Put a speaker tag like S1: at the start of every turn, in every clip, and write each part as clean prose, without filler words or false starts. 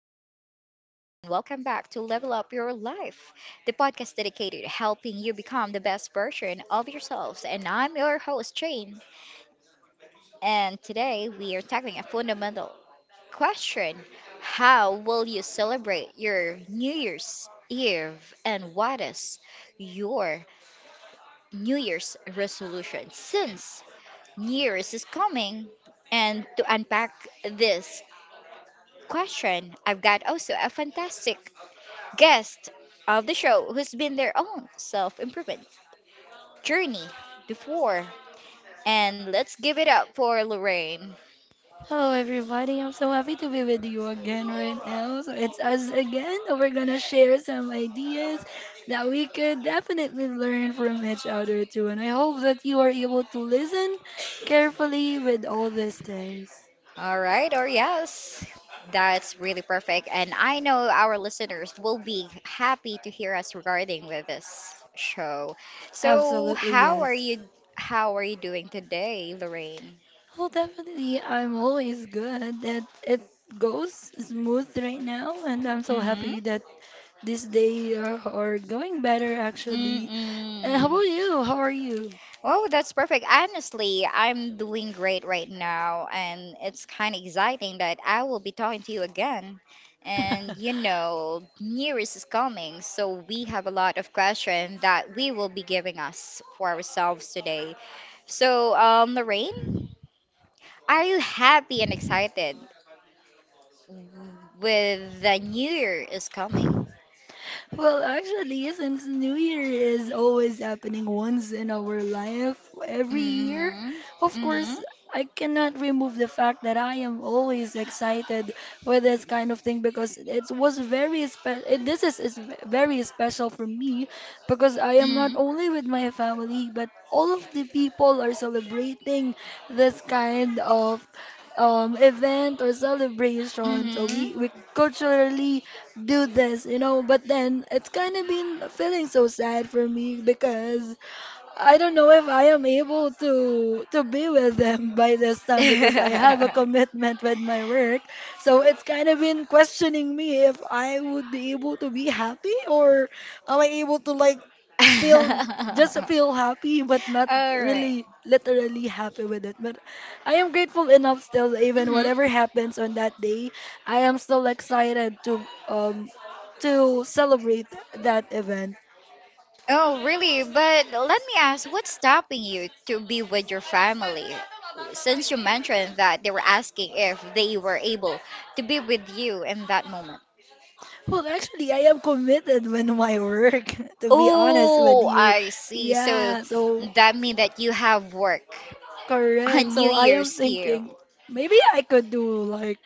S1: good morning, everyone, and welcome back to Level Up Your Life, the podcast dedicated to helping you become the best version of yourselves. And I'm your host, Jane, and today we are tackling a fundamental question. How will you celebrate your New Year's Eve, and what is your New Year's resolution since New Year's is coming? And to unpack this question, I've got also a fantastic guest of the show who's been their own self improvement journey before. And let's give it up for Lorraine.
S2: Hello, everybody. I'm so happy to be with you again right now. So it's us again that we're gonna share some ideas that we could definitely learn from each other too. And I hope that you are able to listen carefully with all these things.
S1: All right, or yes. That's really perfect. And I know our listeners will be happy to hear us regarding with this show. So,
S2: Absolutely, yes.
S1: how are you doing today, Lorraine?
S2: Well, definitely, I'm always good that it goes smooth right now, and I'm so
S1: Mhm.
S2: happy that this day are going better actually. And how
S1: Mm-mm.
S2: about you? How are you?
S1: Oh, that's perfect. Honestly, I'm doing great right now, and it's kind of exciting that I will be talking to you again. And you know, New Year's is coming, so we have a lot of questions that we will be giving us for ourselves today. So, Lorraine, are you happy and excited with the New Year is coming?
S2: Well, actually, since New Year is always happening once in our life every year,
S1: Mm-hmm.
S2: of
S1: Mm-hmm.
S2: course, I cannot remove the fact that I am always excited with this kind of thing because it was very special. This is very special for me because I am not
S1: Mm-hmm.
S2: only with my family, but all of the people are celebrating this kind of event or celebration. So we culturally do this. But then it's kind of been feeling so sad for me because I don't know if I am able to be with them by this time because I have a
S1: Mm-hmm.
S2: commitment with my work. So it's kind of been questioning me if I would be able to be happy or am I able to like feel just feel happy but not
S1: All right.
S2: really literally happy with it. But I am grateful enough still even
S1: Hmm.
S2: whatever happens on that day, I am still excited to to celebrate that event.
S1: Oh, really? But let me ask, what's stopping you to be with your family? Since you mentioned that they were asking if they were able to be with you in that moment.
S2: Well, actually, I am committed with my work, to be honest with
S1: Oh,
S2: you.
S1: I see. So
S2: Yeah, so
S1: that means that you have work
S2: correct.
S1: on New
S2: So I am
S1: Year's Eve.
S2: thinking maybe I could do like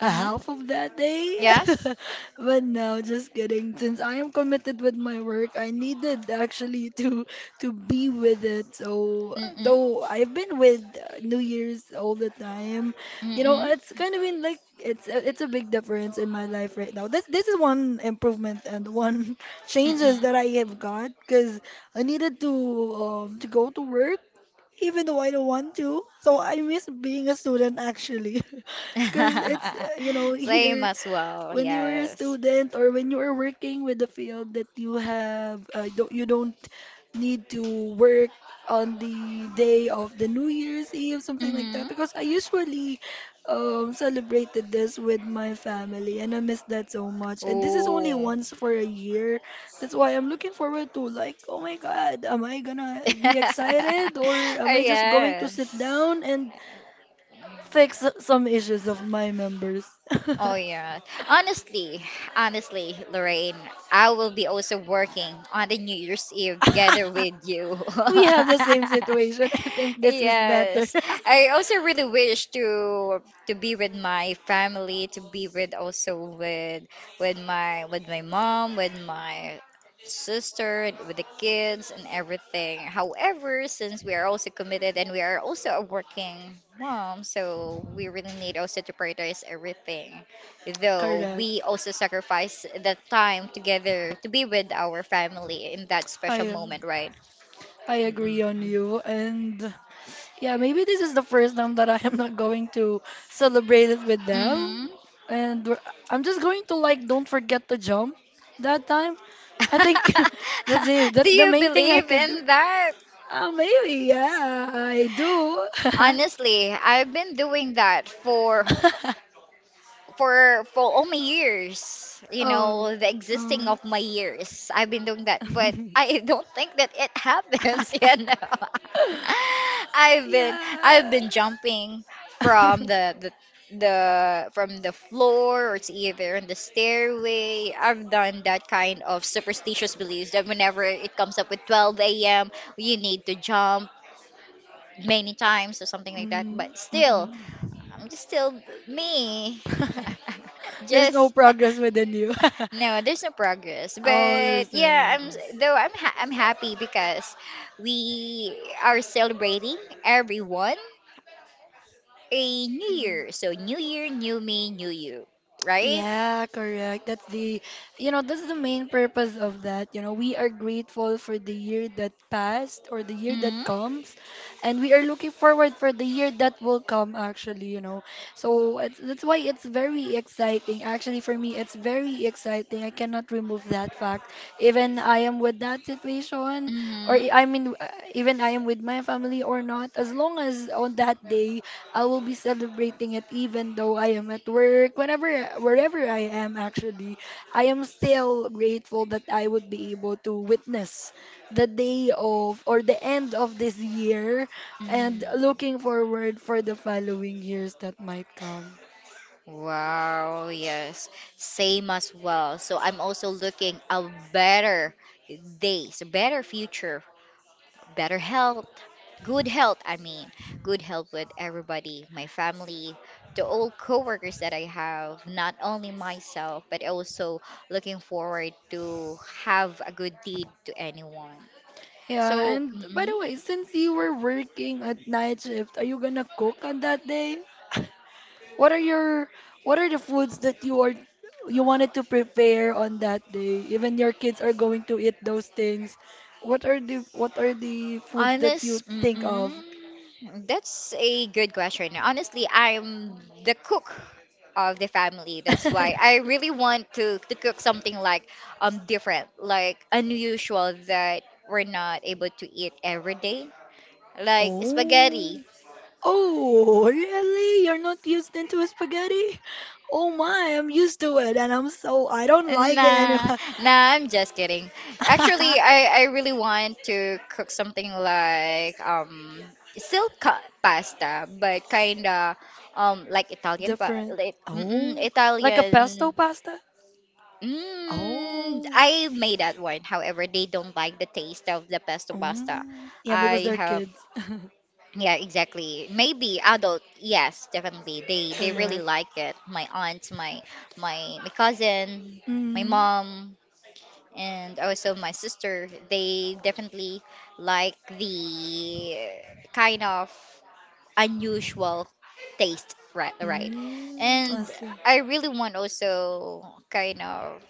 S2: a
S1: Mm-hmm.
S2: half of that day.
S1: Yes?
S2: But no, just kidding. Since I am committed with my work, I needed actually to be with it. So
S1: Mm-mm.
S2: though I've been with New Year's all the time, you know,
S1: Mm-mm.
S2: it's kind of been like it's a big difference in my life right now. This is one improvement and one changes that
S1: Mm-mm.
S2: I have got because I needed to go to work even though I don't want to. So I miss being a student actually, because it's you know
S1: Same
S2: here
S1: as well,
S2: when you were a
S1: yes.
S2: student or when you are working with the field that you have don't, you don't need to work on the day of the New Year's Eve, something like that.
S1: Mm-hmm.
S2: Because I usually celebrated this with my family, and I miss that so much. And this is only
S1: Oh.
S2: once for a year. That's why I'm looking forward to like, oh my God, am I gonna be excited or am I just going to sit
S1: yes.
S2: down and fix some issues of my members?
S1: Oh yeah. Honestly, honestly, Lorraine, I will be also working on the New Year's Eve together with you.
S2: We have the same situation. I think this is better.
S1: Yes. I also really wish to be with my family, to be with also with with my mom, with my sister, and with the kids and everything. However, since we are also committed and we are also a working mom, so we really need also to prioritize everything though
S2: Correct.
S1: we also sacrifice the time together to be with our family in that special
S2: I uh,
S1: moment, right?
S2: I
S1: Mm-mm.
S2: agree on you. And yeah, maybe this is the first time that I am not going to celebrate it with them.
S1: Mm.
S2: And we're- I'm just going to like don't forget to jump that time. I think that's it.
S1: Do
S2: That's the
S1: you
S2: main thing I
S1: believe
S2: could do.
S1: in that?
S2: Maybe, yeah, I do.
S1: Honestly, I've been doing that for for all my years, you
S2: Oh.
S1: know, the existing
S2: um.
S1: of my years. I've been doing that, but I don't think that it happens, you know. I've been I've
S2: Yeah.
S1: been jumping from the from the floor or to either on the stairway. I've done that kind of superstitious beliefs that whenever it comes up with 12 a.m., you need to jump many times or something like that.
S2: Mm,
S1: But still,
S2: mm-mm.
S1: I'm just still me.
S2: There's no
S1: just
S2: progress within you.
S1: no, there's no progress.
S2: Oh,
S1: But
S2: there's no
S1: yeah,
S2: progress.
S1: I'm though I'm happy because we are celebrating everyone a new year. So new year, new me, new you, right?
S2: Yeah, correct. You know, that's the main purpose of that. You know, we are grateful for the year that passed or the year
S1: Mhm.
S2: that comes, and we are looking forward for the year that will come, actually, you know. That's why it's very exciting. Actually, for me, it's very exciting. I cannot remove that fact. Even I am with that situation, or
S1: Mhm.
S2: I mean, even I am with my family or not, as long as on that day, I will be celebrating it even though I am at work, whenever, wherever I am actually. I am still grateful that I would be able to witness the day of or the end of this year and
S1: Mm.
S2: looking forward for the following years that might come.
S1: Wow, yes. Same as well. So I'm also looking a better days, a better future, better health, good health, I mean, good health with everybody, my family, the old coworkers that I have, not only myself, but also looking forward to have a good deed to anyone.
S2: Yeah,
S1: So,
S2: and by
S1: mhm.
S2: the way, since you were working at night shift, are you gonna cook on that day? What are your what are the foods that you are you wanted to prepare on that day? Even your kids are going to eat those things. What are the foods that you think of?
S1: Mm-mm. That's a good question. Honestly, I'm the cook of the family. That's why I really want to cook something like different, like unusual that we're not able to eat every day. Like
S2: Oh.
S1: spaghetti.
S2: Oh, really? You're not used into spaghetti? Oh my, I'm used to it and I'm so I don't like it
S1: Nah,
S2: anyway.
S1: nah, I'm just kidding. Actually, I really want to cook something like still pasta, but kinda like Italian pa
S2: Different.
S1: like,
S2: Oh, like a
S1: Italian.
S2: pesto pasta?
S1: Mm,
S2: Oh.
S1: I made that one. However, they don't like the taste of the pesto pasta.
S2: Mm. Yeah, because
S1: I
S2: they're
S1: have,
S2: kids.
S1: yeah, exactly. Maybe adult, yes, definitely. They really
S2: Correct.
S1: like it. My aunt, my cousin, my
S2: Mm,
S1: mom and also my sister they definitely like the kind of unusual taste, right, right, and
S2: I see.
S1: I really want also kind of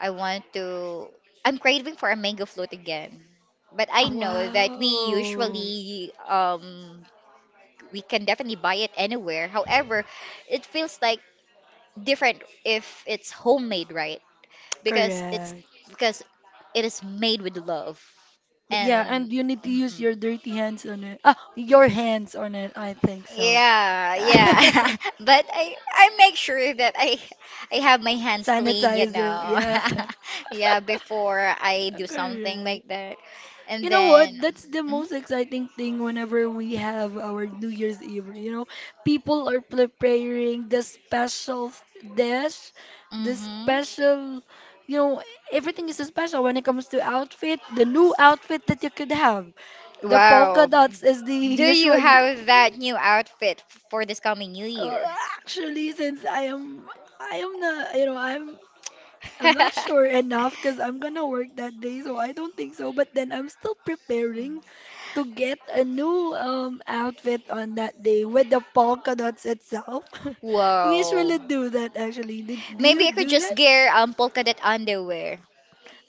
S1: I want to I'm craving for a mango float again, but I
S2: Oh,
S1: know that we
S2: wow.
S1: usually we can definitely buy it anywhere. However, it feels like different if it's homemade, right? Because it's
S2: Correct.
S1: because it is made with love.
S2: But yeah,
S1: And
S2: and you need to use
S1: mm-mm.
S2: your dirty hands on it. Ah, your hands on it. I think so.
S1: Yeah, yeah. But I make sure that I have my hands clean, you
S2: Sanitizer.
S1: know.
S2: Yeah.
S1: Yeah, before I do something
S2: Correct.
S1: like that. And
S2: You know
S1: then
S2: what? That's the most exciting thing whenever we have our New Year's Eve. You know, people are preparing the special dish, the
S1: mm-hmm.
S2: special, you know, everything is special when it comes to outfit, the new outfit that you could have. The polka
S1: Wow,
S2: dots is the
S1: do you
S2: usual.
S1: have that new outfit for this coming new
S2: Uh,
S1: year?
S2: actually, I am the, you know, I'm not sure enough because I'm gonna work that day, so I don't think so. But then I'm still preparing to get a new outfit on that day with the polka dots itself. We
S1: Whoa.
S2: usually do that actually. Do you
S1: Maybe I could
S2: do that?
S1: just gear polka dot underwear.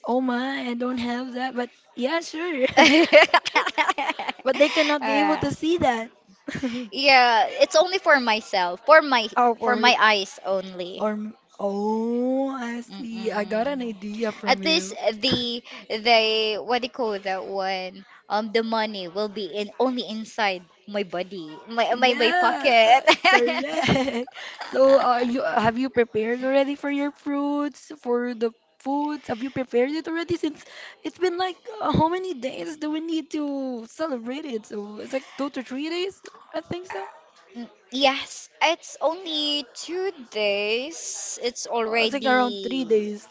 S2: Oh my, I don't have that, but yeah, sure. But they cannot be able
S1: Uh,
S2: to see that.
S1: yeah, it's only for myself,
S2: Oh,
S1: for
S2: or
S1: my eyes only.
S2: oh, I see. I got an
S1: Mm-mm.
S2: idea from
S1: At least
S2: you.
S1: the the what do you call that one? The money will be in only inside my body, my
S2: Yeah,
S1: pocket.
S2: correct. So, are you have you prepared already for your fruits, for the foods? Have you prepared it already? Since it's been like how many days do we need to celebrate it? So it's like 2 to 3 days, I think so.
S1: Mm, yes, it's only 2 days. It's
S2: It's like around three
S1: already.
S2: days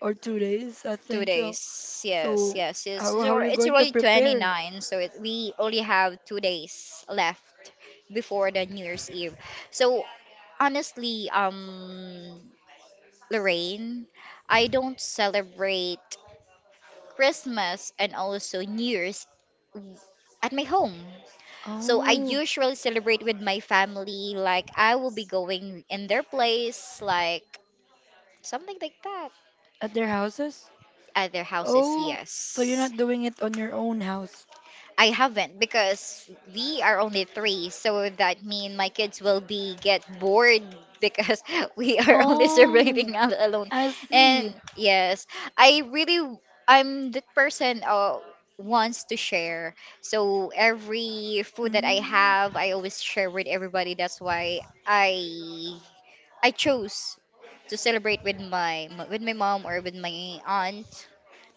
S2: or 2 days, I
S1: Two
S2: think so.
S1: days. Yes,
S2: So,
S1: yes. It's,
S2: how
S1: it's
S2: how are
S1: alre-
S2: you
S1: it's
S2: going to
S1: already
S2: prepare?
S1: 29, so it, we only have 2 days left before the New Year's Eve. So honestly, Lorraine, I don't celebrate Christmas and also New Year's at my home. So I
S2: Oh,
S1: usually celebrate with my family. Like I will be going in their place, like something like that.
S2: at their houses?
S1: At their houses,
S2: Oh, so you're
S1: yes.
S2: not doing it on your own house?
S1: I haven't because we are only three, so that mean my kids will be get bored because we are only
S2: Oh,
S1: celebrating out alone.
S2: I
S1: And
S2: see.
S1: yes, I really I'm the person wants to share. So every food that I
S2: Mm.
S1: have, I always share with everybody. That's why I I chose to celebrate with my mom or with my aunt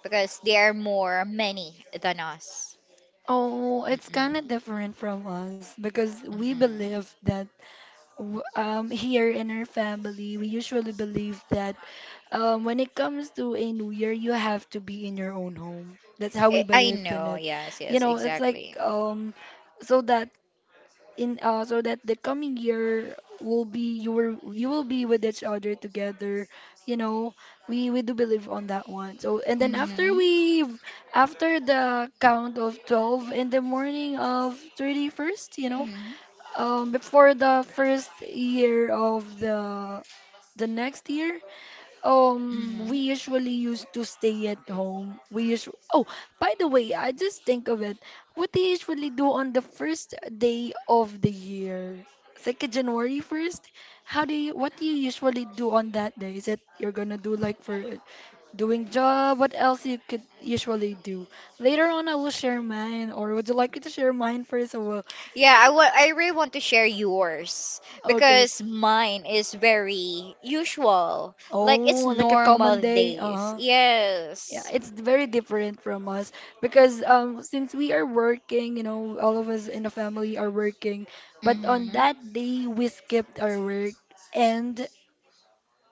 S1: because they are more many than us.
S2: Oh, it's kind of
S1: Mm-mm.
S2: different from us because we
S1: Mm-mm.
S2: believe that here in our family, we usually believe that when it comes to a new year, you have to be in your own home. That's how we
S1: I
S2: believed in
S1: know.
S2: it.
S1: Yes,
S2: You
S1: yes,
S2: know, it's like
S1: exactly.
S2: so that so that the coming year will be you will be with each other together, you know, we do believe on that one. So and then
S1: Mm-hmm.
S2: after the count of 12 in the morning of 31st, you know,
S1: Mm-hmm.
S2: before the first year of the next year,
S1: Mm-hmm.
S2: we usually used to stay at home. We usually, oh, by the way, I just think of it. What they usually do on the first day of the year, it's like a January 1st. What do you usually do on that day? Is it you're gonna do like for doing job? What else you could usually do? Later on, I will share mine, or would you like me to share mine first?
S1: Yeah, I really want to share yours
S2: Okay.
S1: because mine is very usual. Like it's
S2: Oh, like a common
S1: normal
S2: day.
S1: days.
S2: Uh-huh. Yeah,
S1: Yes.
S2: it's very different from us because since we are working, you know, all of us in the family are working, but on
S1: Mm-hmm.
S2: that day we skipped our work and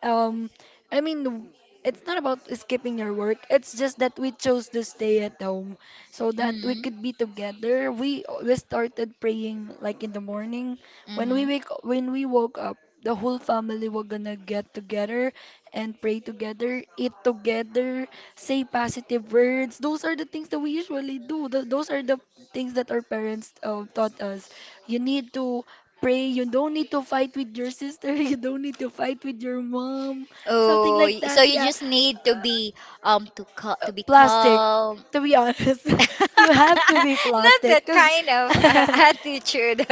S2: um, I mean, it's not about skipping your work. It's just that we chose to stay at home so that we
S1: Mm-hmm.
S2: could be together. We started praying like in the morning.
S1: Mm-hmm.
S2: When we woke up, the whole family were gonna get together and pray together, eat together, say positive words. Those are the things that we usually do. Those are the things that our parents taught us. You need to pray. You don't need to fight with your sister. You don't need to fight with your mom. Something
S1: Oh,
S2: like
S1: so
S2: that.
S1: you
S2: Yeah.
S1: just need to
S2: Uh,
S1: be to be
S2: Plastic.
S1: calm.
S2: To be honest, you have to be
S1: Not
S2: plastic.
S1: that kind of
S2: Uh,
S1: attitude.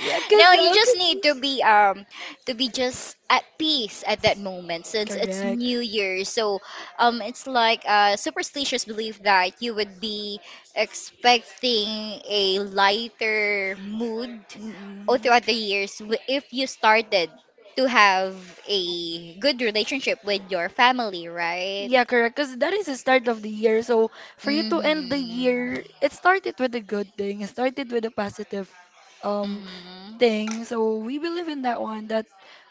S1: No, you just
S2: Cause,
S1: need to be just at peace at that moment since it's
S2: correct.
S1: New Year. So it's like a superstitious belief that you would be expecting a lighter mood all
S2: Mm-mm.
S1: throughout the years if you started to have a good relationship with your family, right?
S2: Yeah, correct. Cause that is the start of the year. So for you to end the
S1: Mhm.
S2: year, it started with a good thing. It started with a positive, um,
S1: Mhm.
S2: thing. So we believe in that one that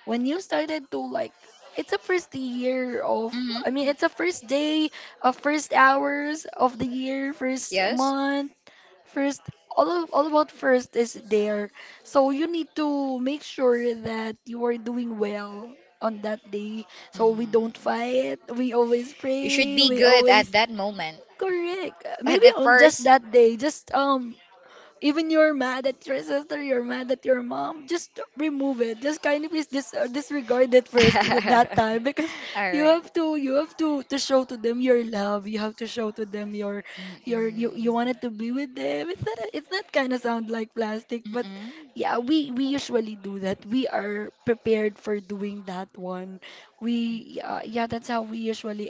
S2: when you started to like it's a first year of
S1: Mhm.
S2: it's a first day of first hours of the year, first
S1: Yes.
S2: month, first all of, all about first is there. So you need to make sure that you are doing well on that day. So we don't
S1: Mm.
S2: fight, we always
S1: You should
S2: pray,
S1: be
S2: we
S1: good at
S2: always
S1: that moment.
S2: correct.
S1: At
S2: Maybe
S1: the
S2: on just
S1: first.
S2: that day, just even you're mad at your sister, you're mad at your mom. Just remove it. Just kindly please disregard it first that
S1: All
S2: time because
S1: right.
S2: you have to show to them your love. You have to show to them your you
S1: Mm-mm.
S2: wanted to be with them. It's not kind of sound like plastic, but
S1: Mm-mm.
S2: yeah, we usually do that. We are prepared for doing that one. We, yeah, yeah, that's how we usually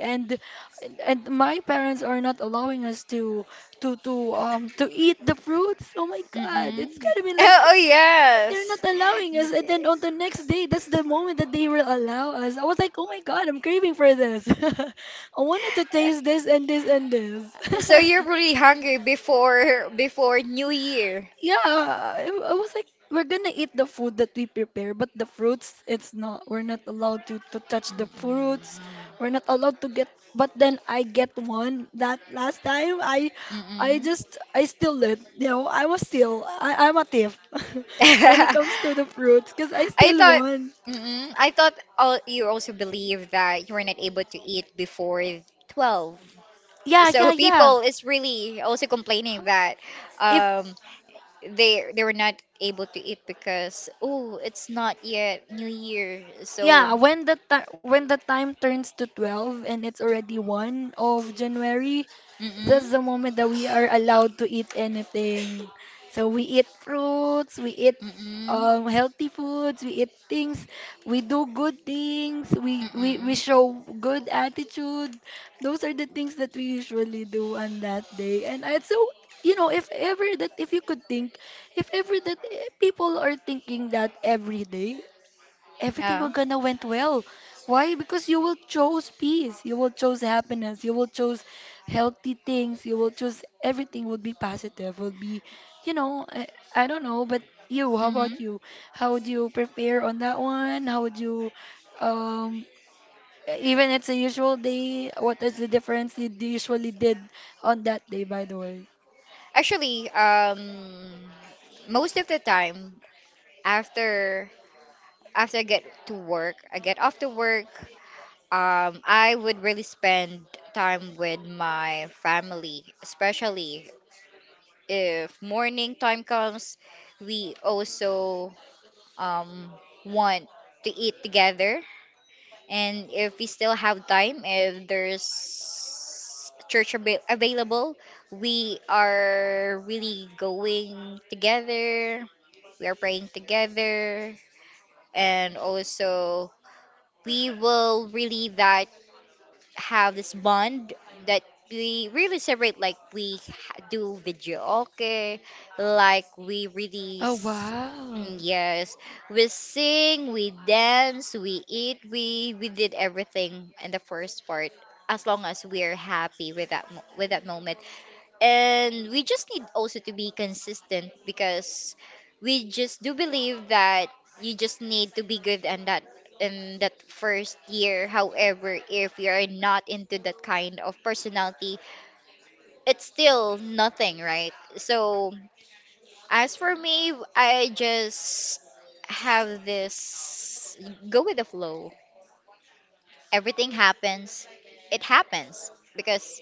S2: and and my parents are not allowing us to eat the fruits. Oh my God, it's
S1: Mm-mm.
S2: gotta be like
S1: Oh,
S2: they're
S1: yes.
S2: not allowing us. And then on the next day, that's the moment that they will allow us. I was like, oh my God, I'm craving for this. I wanted to taste this and this and this.
S1: So you're really hungry before before New Year.
S2: Yeah, I was like, we're gonna eat the food that we prepare, but the fruits, it's not, we're not allowed to touch the fruits.
S1: Mm-mm.
S2: We're not allowed to get, but then I get one that last time.
S1: Mm-mm.
S2: I still it. I was still, I'm a thief when it comes to the fruits, because I
S1: I
S2: still
S1: thought
S2: won.
S1: I thought all, you also believe that you were not able to eat before 12.
S2: Yeah,
S1: So
S2: yeah, yeah.
S1: people is really also complaining that
S2: If
S1: um they were not able to eat because oh it's not yet new year so
S2: yeah, when the time turns to 12 and it's already January 1,
S1: mm-mm
S2: that's the moment that we are allowed to eat anything. So we eat fruits, we eat
S1: mm-mm
S2: healthy foods, we eat things, we do good things, we
S1: mm-mm
S2: show good attitude. Those are the things that we usually do on that day. And I so if ever that if you could think, if ever that people are thinking that every day, everything
S1: yeah
S2: were gonna went well. Why? Because you will choose peace, you will choose happiness, you will choose healthy things, you will choose everything would be positive, will be, you know, I, I don't know, but you, how
S1: mm-hmm.
S2: about you? How would you prepare on that one? How would you, um, even it's a usual day, what is the difference you usually did on that day, by the way?
S1: Actually most of the time after after I get to work I get off to work, I would really spend time with my family, especially if morning time comes, we also um, want to eat together. And if we still have time, if there's church avail available, we are really going together. We are praying together. And also, we will really that have this bond that we really celebrate like we do video, okay, like we really
S2: Oh,
S1: mm,
S2: wow.
S1: yes, we sing, we dance, we eat, we did everything in the first part as long as we're happy with that with that moment, and we just need also to be consistent because we just do believe that you just need to be good, and that in that first year, however, if you're not into that kind of personality, it's still nothing, right? So as for me, I just have this go with the flow. Everything happens, it happens, because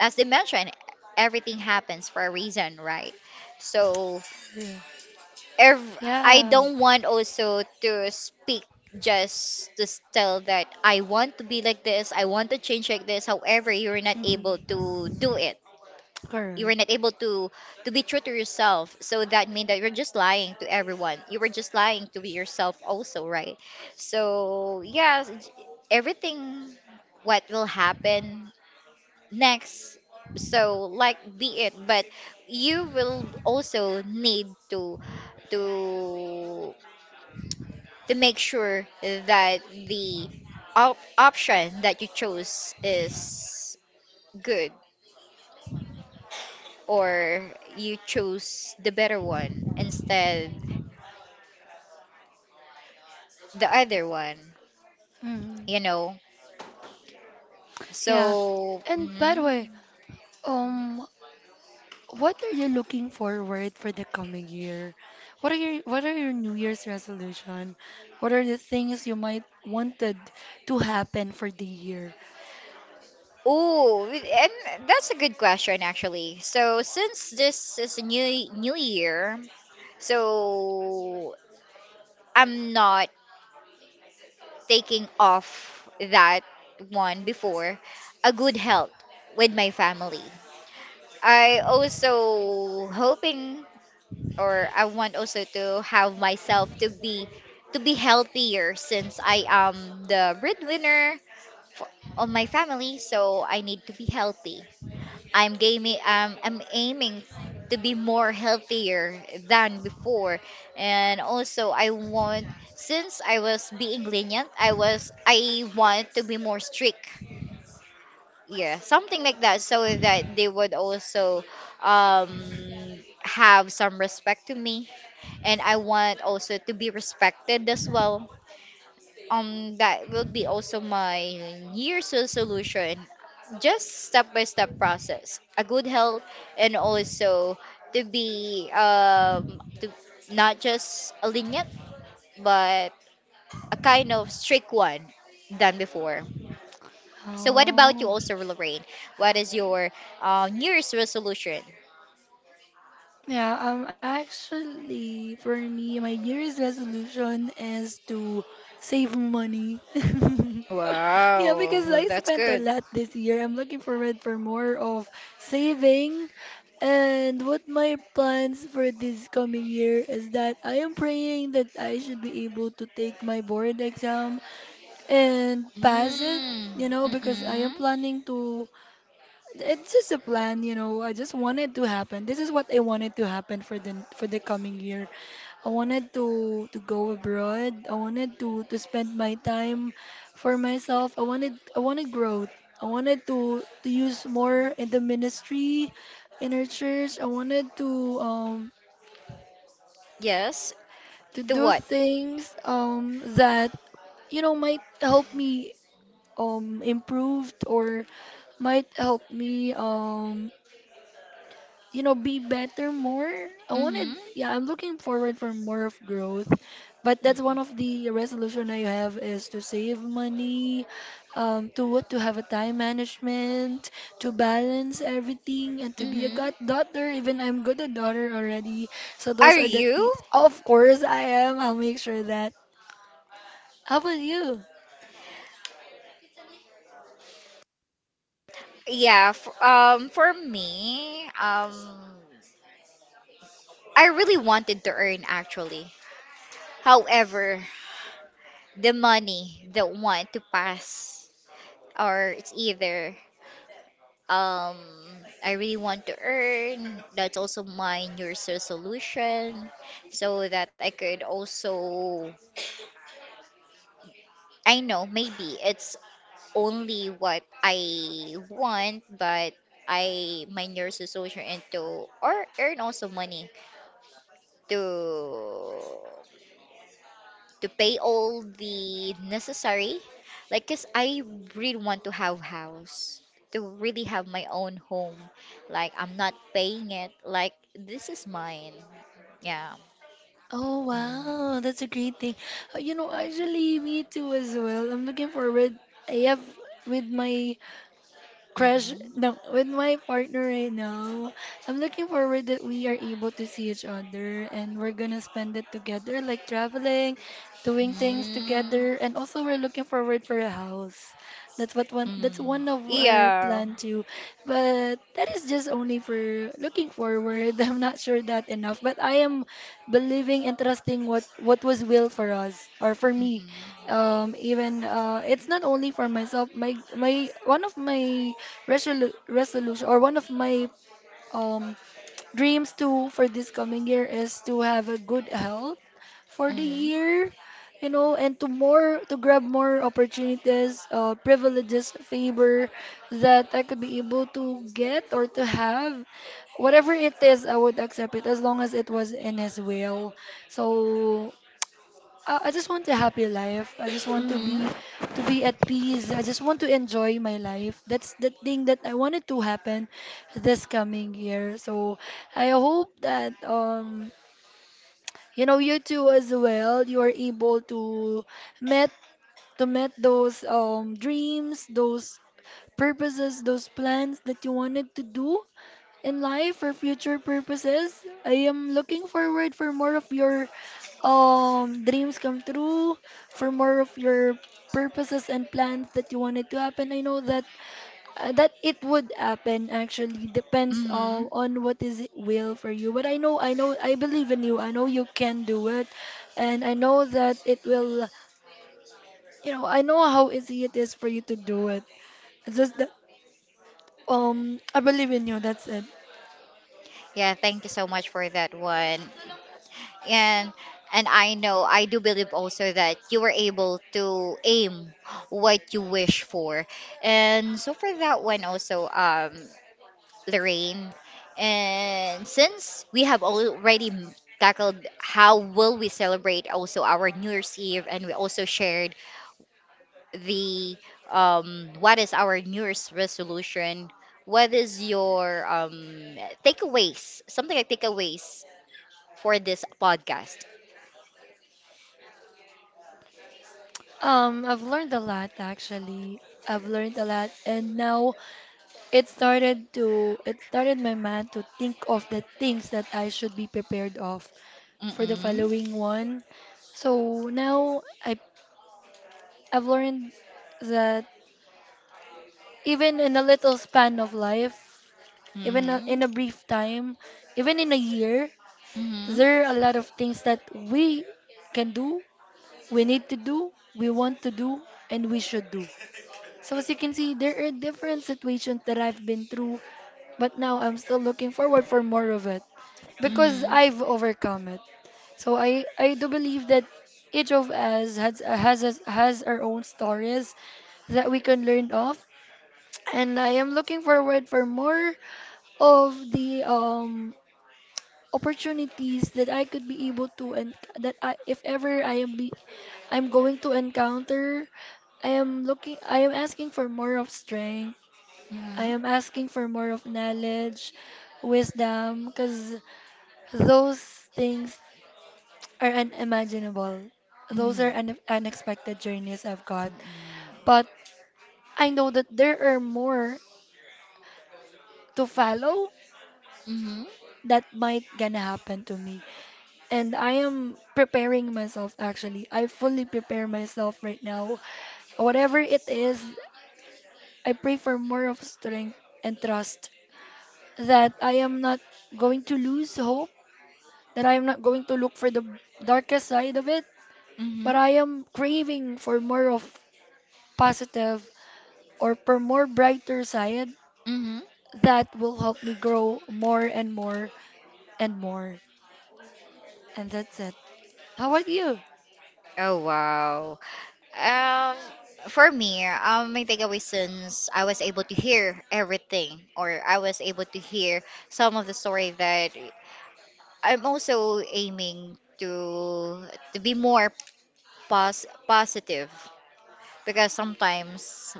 S1: as they mentioned, everything happens for a reason, right? So
S2: Yeah.
S1: ev- I
S2: Yeah.
S1: don't want also to speak just to tell that I want to be like this, I want to change like this. However, you're not
S2: Hmm.
S1: able to do it. You were not
S2: Correct.
S1: able to be true to yourself. So that means that you're just lying to everyone. You were just lying to yourself also, right? So yes, everything what will happen next, so like be it, but you will also need to to make sure that the option that you chose is good, or you chose the better one instead the other one,
S2: Mhm.
S1: you know.
S2: Yeah.
S1: So
S2: And by the way,
S1: mm,
S2: um, what are you looking forward for the coming year? What are your New Year's resolution? What are the things you might wanted to happen for the year?
S1: oh, and that's a good question actually. So since this is a new year, so I'm not taking off that one before, a good health with my family. I also hoping or I want also to have myself to be healthier since I am the breadwinner for, of my family, so I need to be healthy. I'm gaming. I'm aiming to be more healthier than before, and also I want since I was being lenient, I want to be more strict. Yeah, something like that, so that they would also um have some respect to me, and I want also to be respected as well. That will be also my year's resolution, just step by step process, a good health and also to be to not just a lenient but a kind of strict one than before. So what about you
S2: Oh.
S1: also, Lorraine? What is your New year's resolution?
S2: Yeah, actually, for me, my New Year's resolution is to save money. Yeah, because
S1: Wow,
S2: I
S1: that's
S2: spent a
S1: good.
S2: lot this year. I'm looking forward for more of saving. And what my plans for this coming year is that I am praying that I should be able to take my board exam and pass it,
S1: Mm,
S2: you know, because I am
S1: mm-mm.
S2: planning to it's just a plan, you know. I just wanted to happen. This is what I wanted to happen for the coming year. I wanted to go abroad. I wanted to spend my time for myself. I wanted growth. I wanted to use more in the ministry, in our church. I wanted um
S1: Yes.
S2: to
S1: To
S2: do
S1: what?
S2: things that you know might help me improved or might help me you know be better more I wanted
S1: Mm-hmm.
S2: yeah I'm looking forward for more of growth but that's one of the resolution I have is to save money to what to have a time management to balance everything and to be a
S1: Mm-hmm.
S2: god daughter even I'm good a daughter already so
S1: Are
S2: those are the
S1: you?
S2: tips of course I'll make sure that how about you.
S1: Yeah. F For me, I really wanted to earn actually. However, the money don't want to pass, or it's either um, I really want to earn. That's also my New Year's resolution, so that I could also. I know maybe it's only what I want, but I my New Year's resolution into or earn also money to to pay all the necessary like cuz I really want to have house, to really have my own home, like I'm not paying it, like this is mine. Yeah.
S2: Oh wow,
S1: Mm.
S2: that's a great thing. You know, actually, me too as well. I'm looking forward. I have with my crush,
S1: Mm-hmm.
S2: no, with my partner right now, I'm looking forward that we are able to see each other and we're gonna spend it together, like traveling, doing things
S1: Mm.
S2: together, and also we're looking forward for a house. That's
S1: Mm.
S2: one of our
S1: Yeah.
S2: plan too. But that is just only for looking forward. I'm not sure that enough, but I am believing and trusting what was will for us or for me,
S1: Mm-mm.
S2: even it's not only for myself, my one of my resolution or one of my um dreams too for this coming year is to have a good health for the
S1: Mm-hmm.
S2: year, you know, and to more to grab more opportunities, privileges, favor that I could be able to get or to have. Whatever it is, I would accept it as long as it was in his will. So I just want a happy life. I just want
S1: Mm-hmm.
S2: to be at peace. I just want to enjoy my life. That's the thing that I wanted to happen this coming year. So I hope that you know you too as well you are able to met those dreams, those purposes, those plans that you wanted to do in life for future purposes. I am looking forward for more of your dreams come true, for more of your purposes and plans that you wanted to happen. I know that that it would happen actually depends
S1: Mm-hmm.
S2: on what is will for you. But I know I believe in you. I know you can do it, and I know that it will, you know, I know how easy it is for you to do it. It's just that I believe in you. That's it.
S1: Yeah, thank you so much for that one. and and I know I do believe also that you were able to aim what you wish for. And so for that one also, Lorraine, and since we have already tackled how will we celebrate also our New Year's Eve, and we also shared the what is our New Year's resolution? What is your takeaways? Something like takeaways for this podcast.
S2: I've learned a lot actually. I've learned a lot, and now it started my mind to think of the things that I should be prepared of for the
S1: Mm-mm.
S2: following one. So now I've learned that even in a little span of life, even
S1: Mhm.
S2: in a brief time, even in a year,
S1: Mhm.
S2: there are a lot of things that we can do, we need to do, we want to do, and we should do. So as you can see, there are different situations that I've been through, but now I'm still looking forward for more of it because
S1: Mhm.
S2: I've overcome it. So I do believe that each of us has our own stories that we can learn of, and I am looking forward for more of the opportunities that I could be able to, and that I if ever I am be I'm going to encounter. I am asking for more of strength, I
S1: Mhm.
S2: am asking for more of knowledge, wisdom, because those things are unimaginable. Those
S1: Mhm.
S2: are unexpected journeys I've got. But I know that there are more to follow
S1: Mhm.
S2: that might gonna happen to me. And I am preparing myself actually. I fully prepare myself right now. Whatever it is, I pray for more of strength and trust that I am not going to lose hope, that I am not going to look for the darkest side of it,
S1: Mhm.
S2: but I am craving for more of positive or for more brighter side
S1: Mhm.
S2: that will help me grow more and more and more. And that's it. How about you?
S1: Oh wow. Um, for me, my takeaway, since I was able to hear everything, or I was able to hear some of the story, that I'm also aiming to be more positive, because sometimes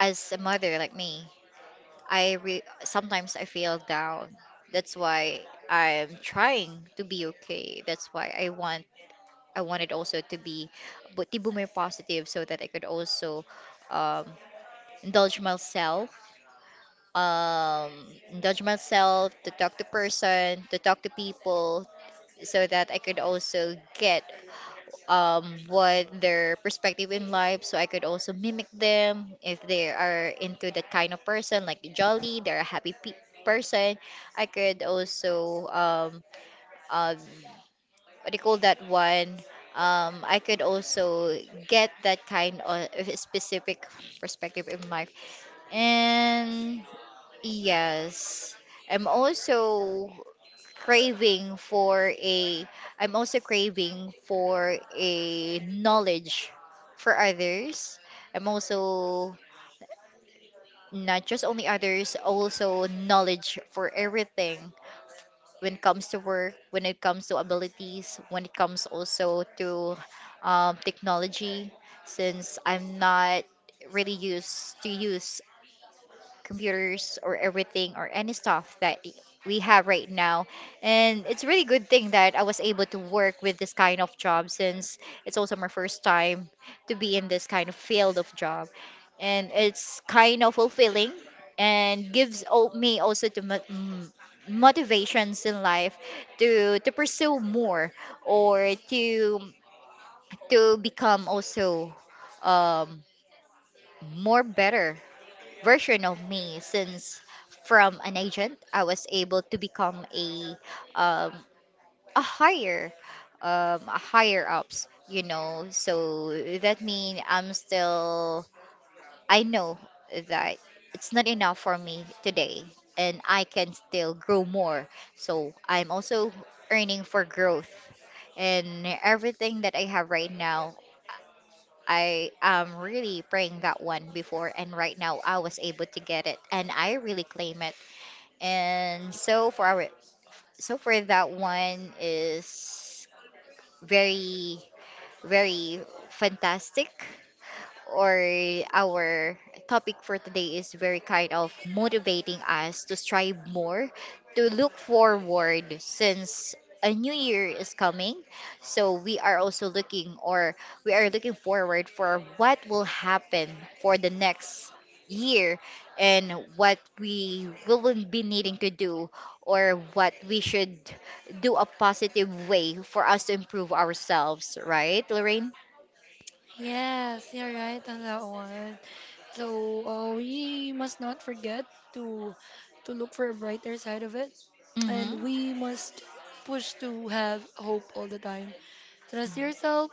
S1: as a mother like me, I sometimes I feel down. That's why I'm trying to be okay. That's why I want I wanted also to be but to be more positive, so that I could also um, indulge myself. Um, indulge myself to talk to person, to talk to people, so that I could also get what their perspective in life, so I could also mimic them if they are into that kind of person, like jolly, they're a happy person. I could also um, what do you call that one, I could also get that kind of specific perspective in life. And yes, I'm also craving for a I'm also craving for a knowledge for others. I'm also not just only others, also knowledge for everything, when it comes to work, when it comes to abilities, when it comes also to technology, since I'm not really used to use computers or everything or any stuff that we have right now. And it's really good thing that I was able to work with this kind of job, since it's also my first time to be in this kind of field of job. And it's kind of fulfilling and gives me also to motivations in life to pursue more, or to become also um, more better version of me, since from an agent I was able to become um, a higher a higher ups, you know. So that means I'm still I know that it's not enough for me today, and I can still grow more, so I'm also earning for growth. And everything that I have right now, I am really praying that one before, and right now I was able to get it, and I really claim it. And so for our, so for that one is very, very fantastic. Or our topic for today is very kind of motivating us to strive more, to look forward, since a new year is coming. So we are also looking or we are looking forward for what will happen for the next year, and what we will be needing to do, or what we should do a positive way for us to improve ourselves, right, Lorraine?
S2: Yes, you're right on that one. So we must not forget to look for a brighter side of it,
S1: Mm-hmm.
S2: and we must push to have hope all the time. Trust
S1: Mm-hmm.
S2: yourself,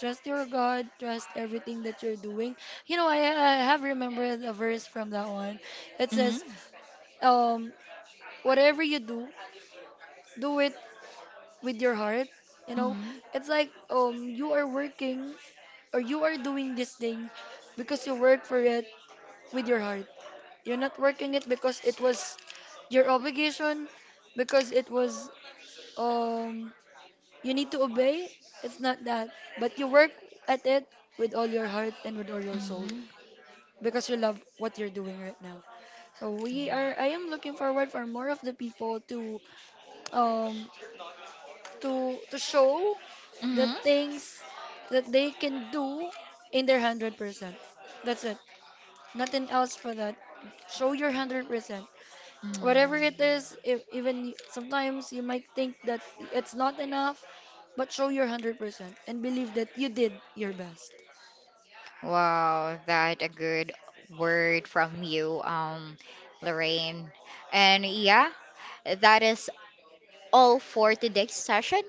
S2: trust your God, trust everything that you're doing. You know, I have remembered a verse from that one. It says,
S1: Mm-hmm.
S2: um, whatever you do, do it with your heart. You know,
S1: Mhm.
S2: it's like you are working or you are doing this thing because you work for it with your heart. You're not working it because it was your obligation, because it was um you need to obey. It's not that, but you work at it with all your heart and with all your soul,
S1: Mhm.
S2: because you love what you're doing right now. So we are I am looking forward for more of the people to um to show the
S1: Mhm.
S2: things that they can do in their 100%. That's it. Nothing else for that. Show your 100%. Whatever it
S1: Mm.
S2: is, if, even sometimes you might think that it's not enough, but show your 100% and believe that you did your best.
S1: Wow, that a good word from you, Lorraine. And yeah, that is all for today's session.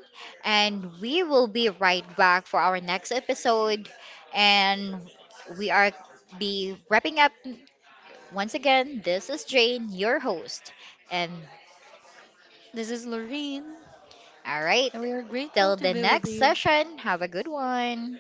S1: And we will be right back for our next episode. And we are be wrapping up once again. This is Jane, your host. And
S2: This is Lorraine,
S1: all right,
S2: and we are grateful
S1: till
S2: to
S1: the
S2: be with
S1: next
S2: you.
S1: session, have a good one.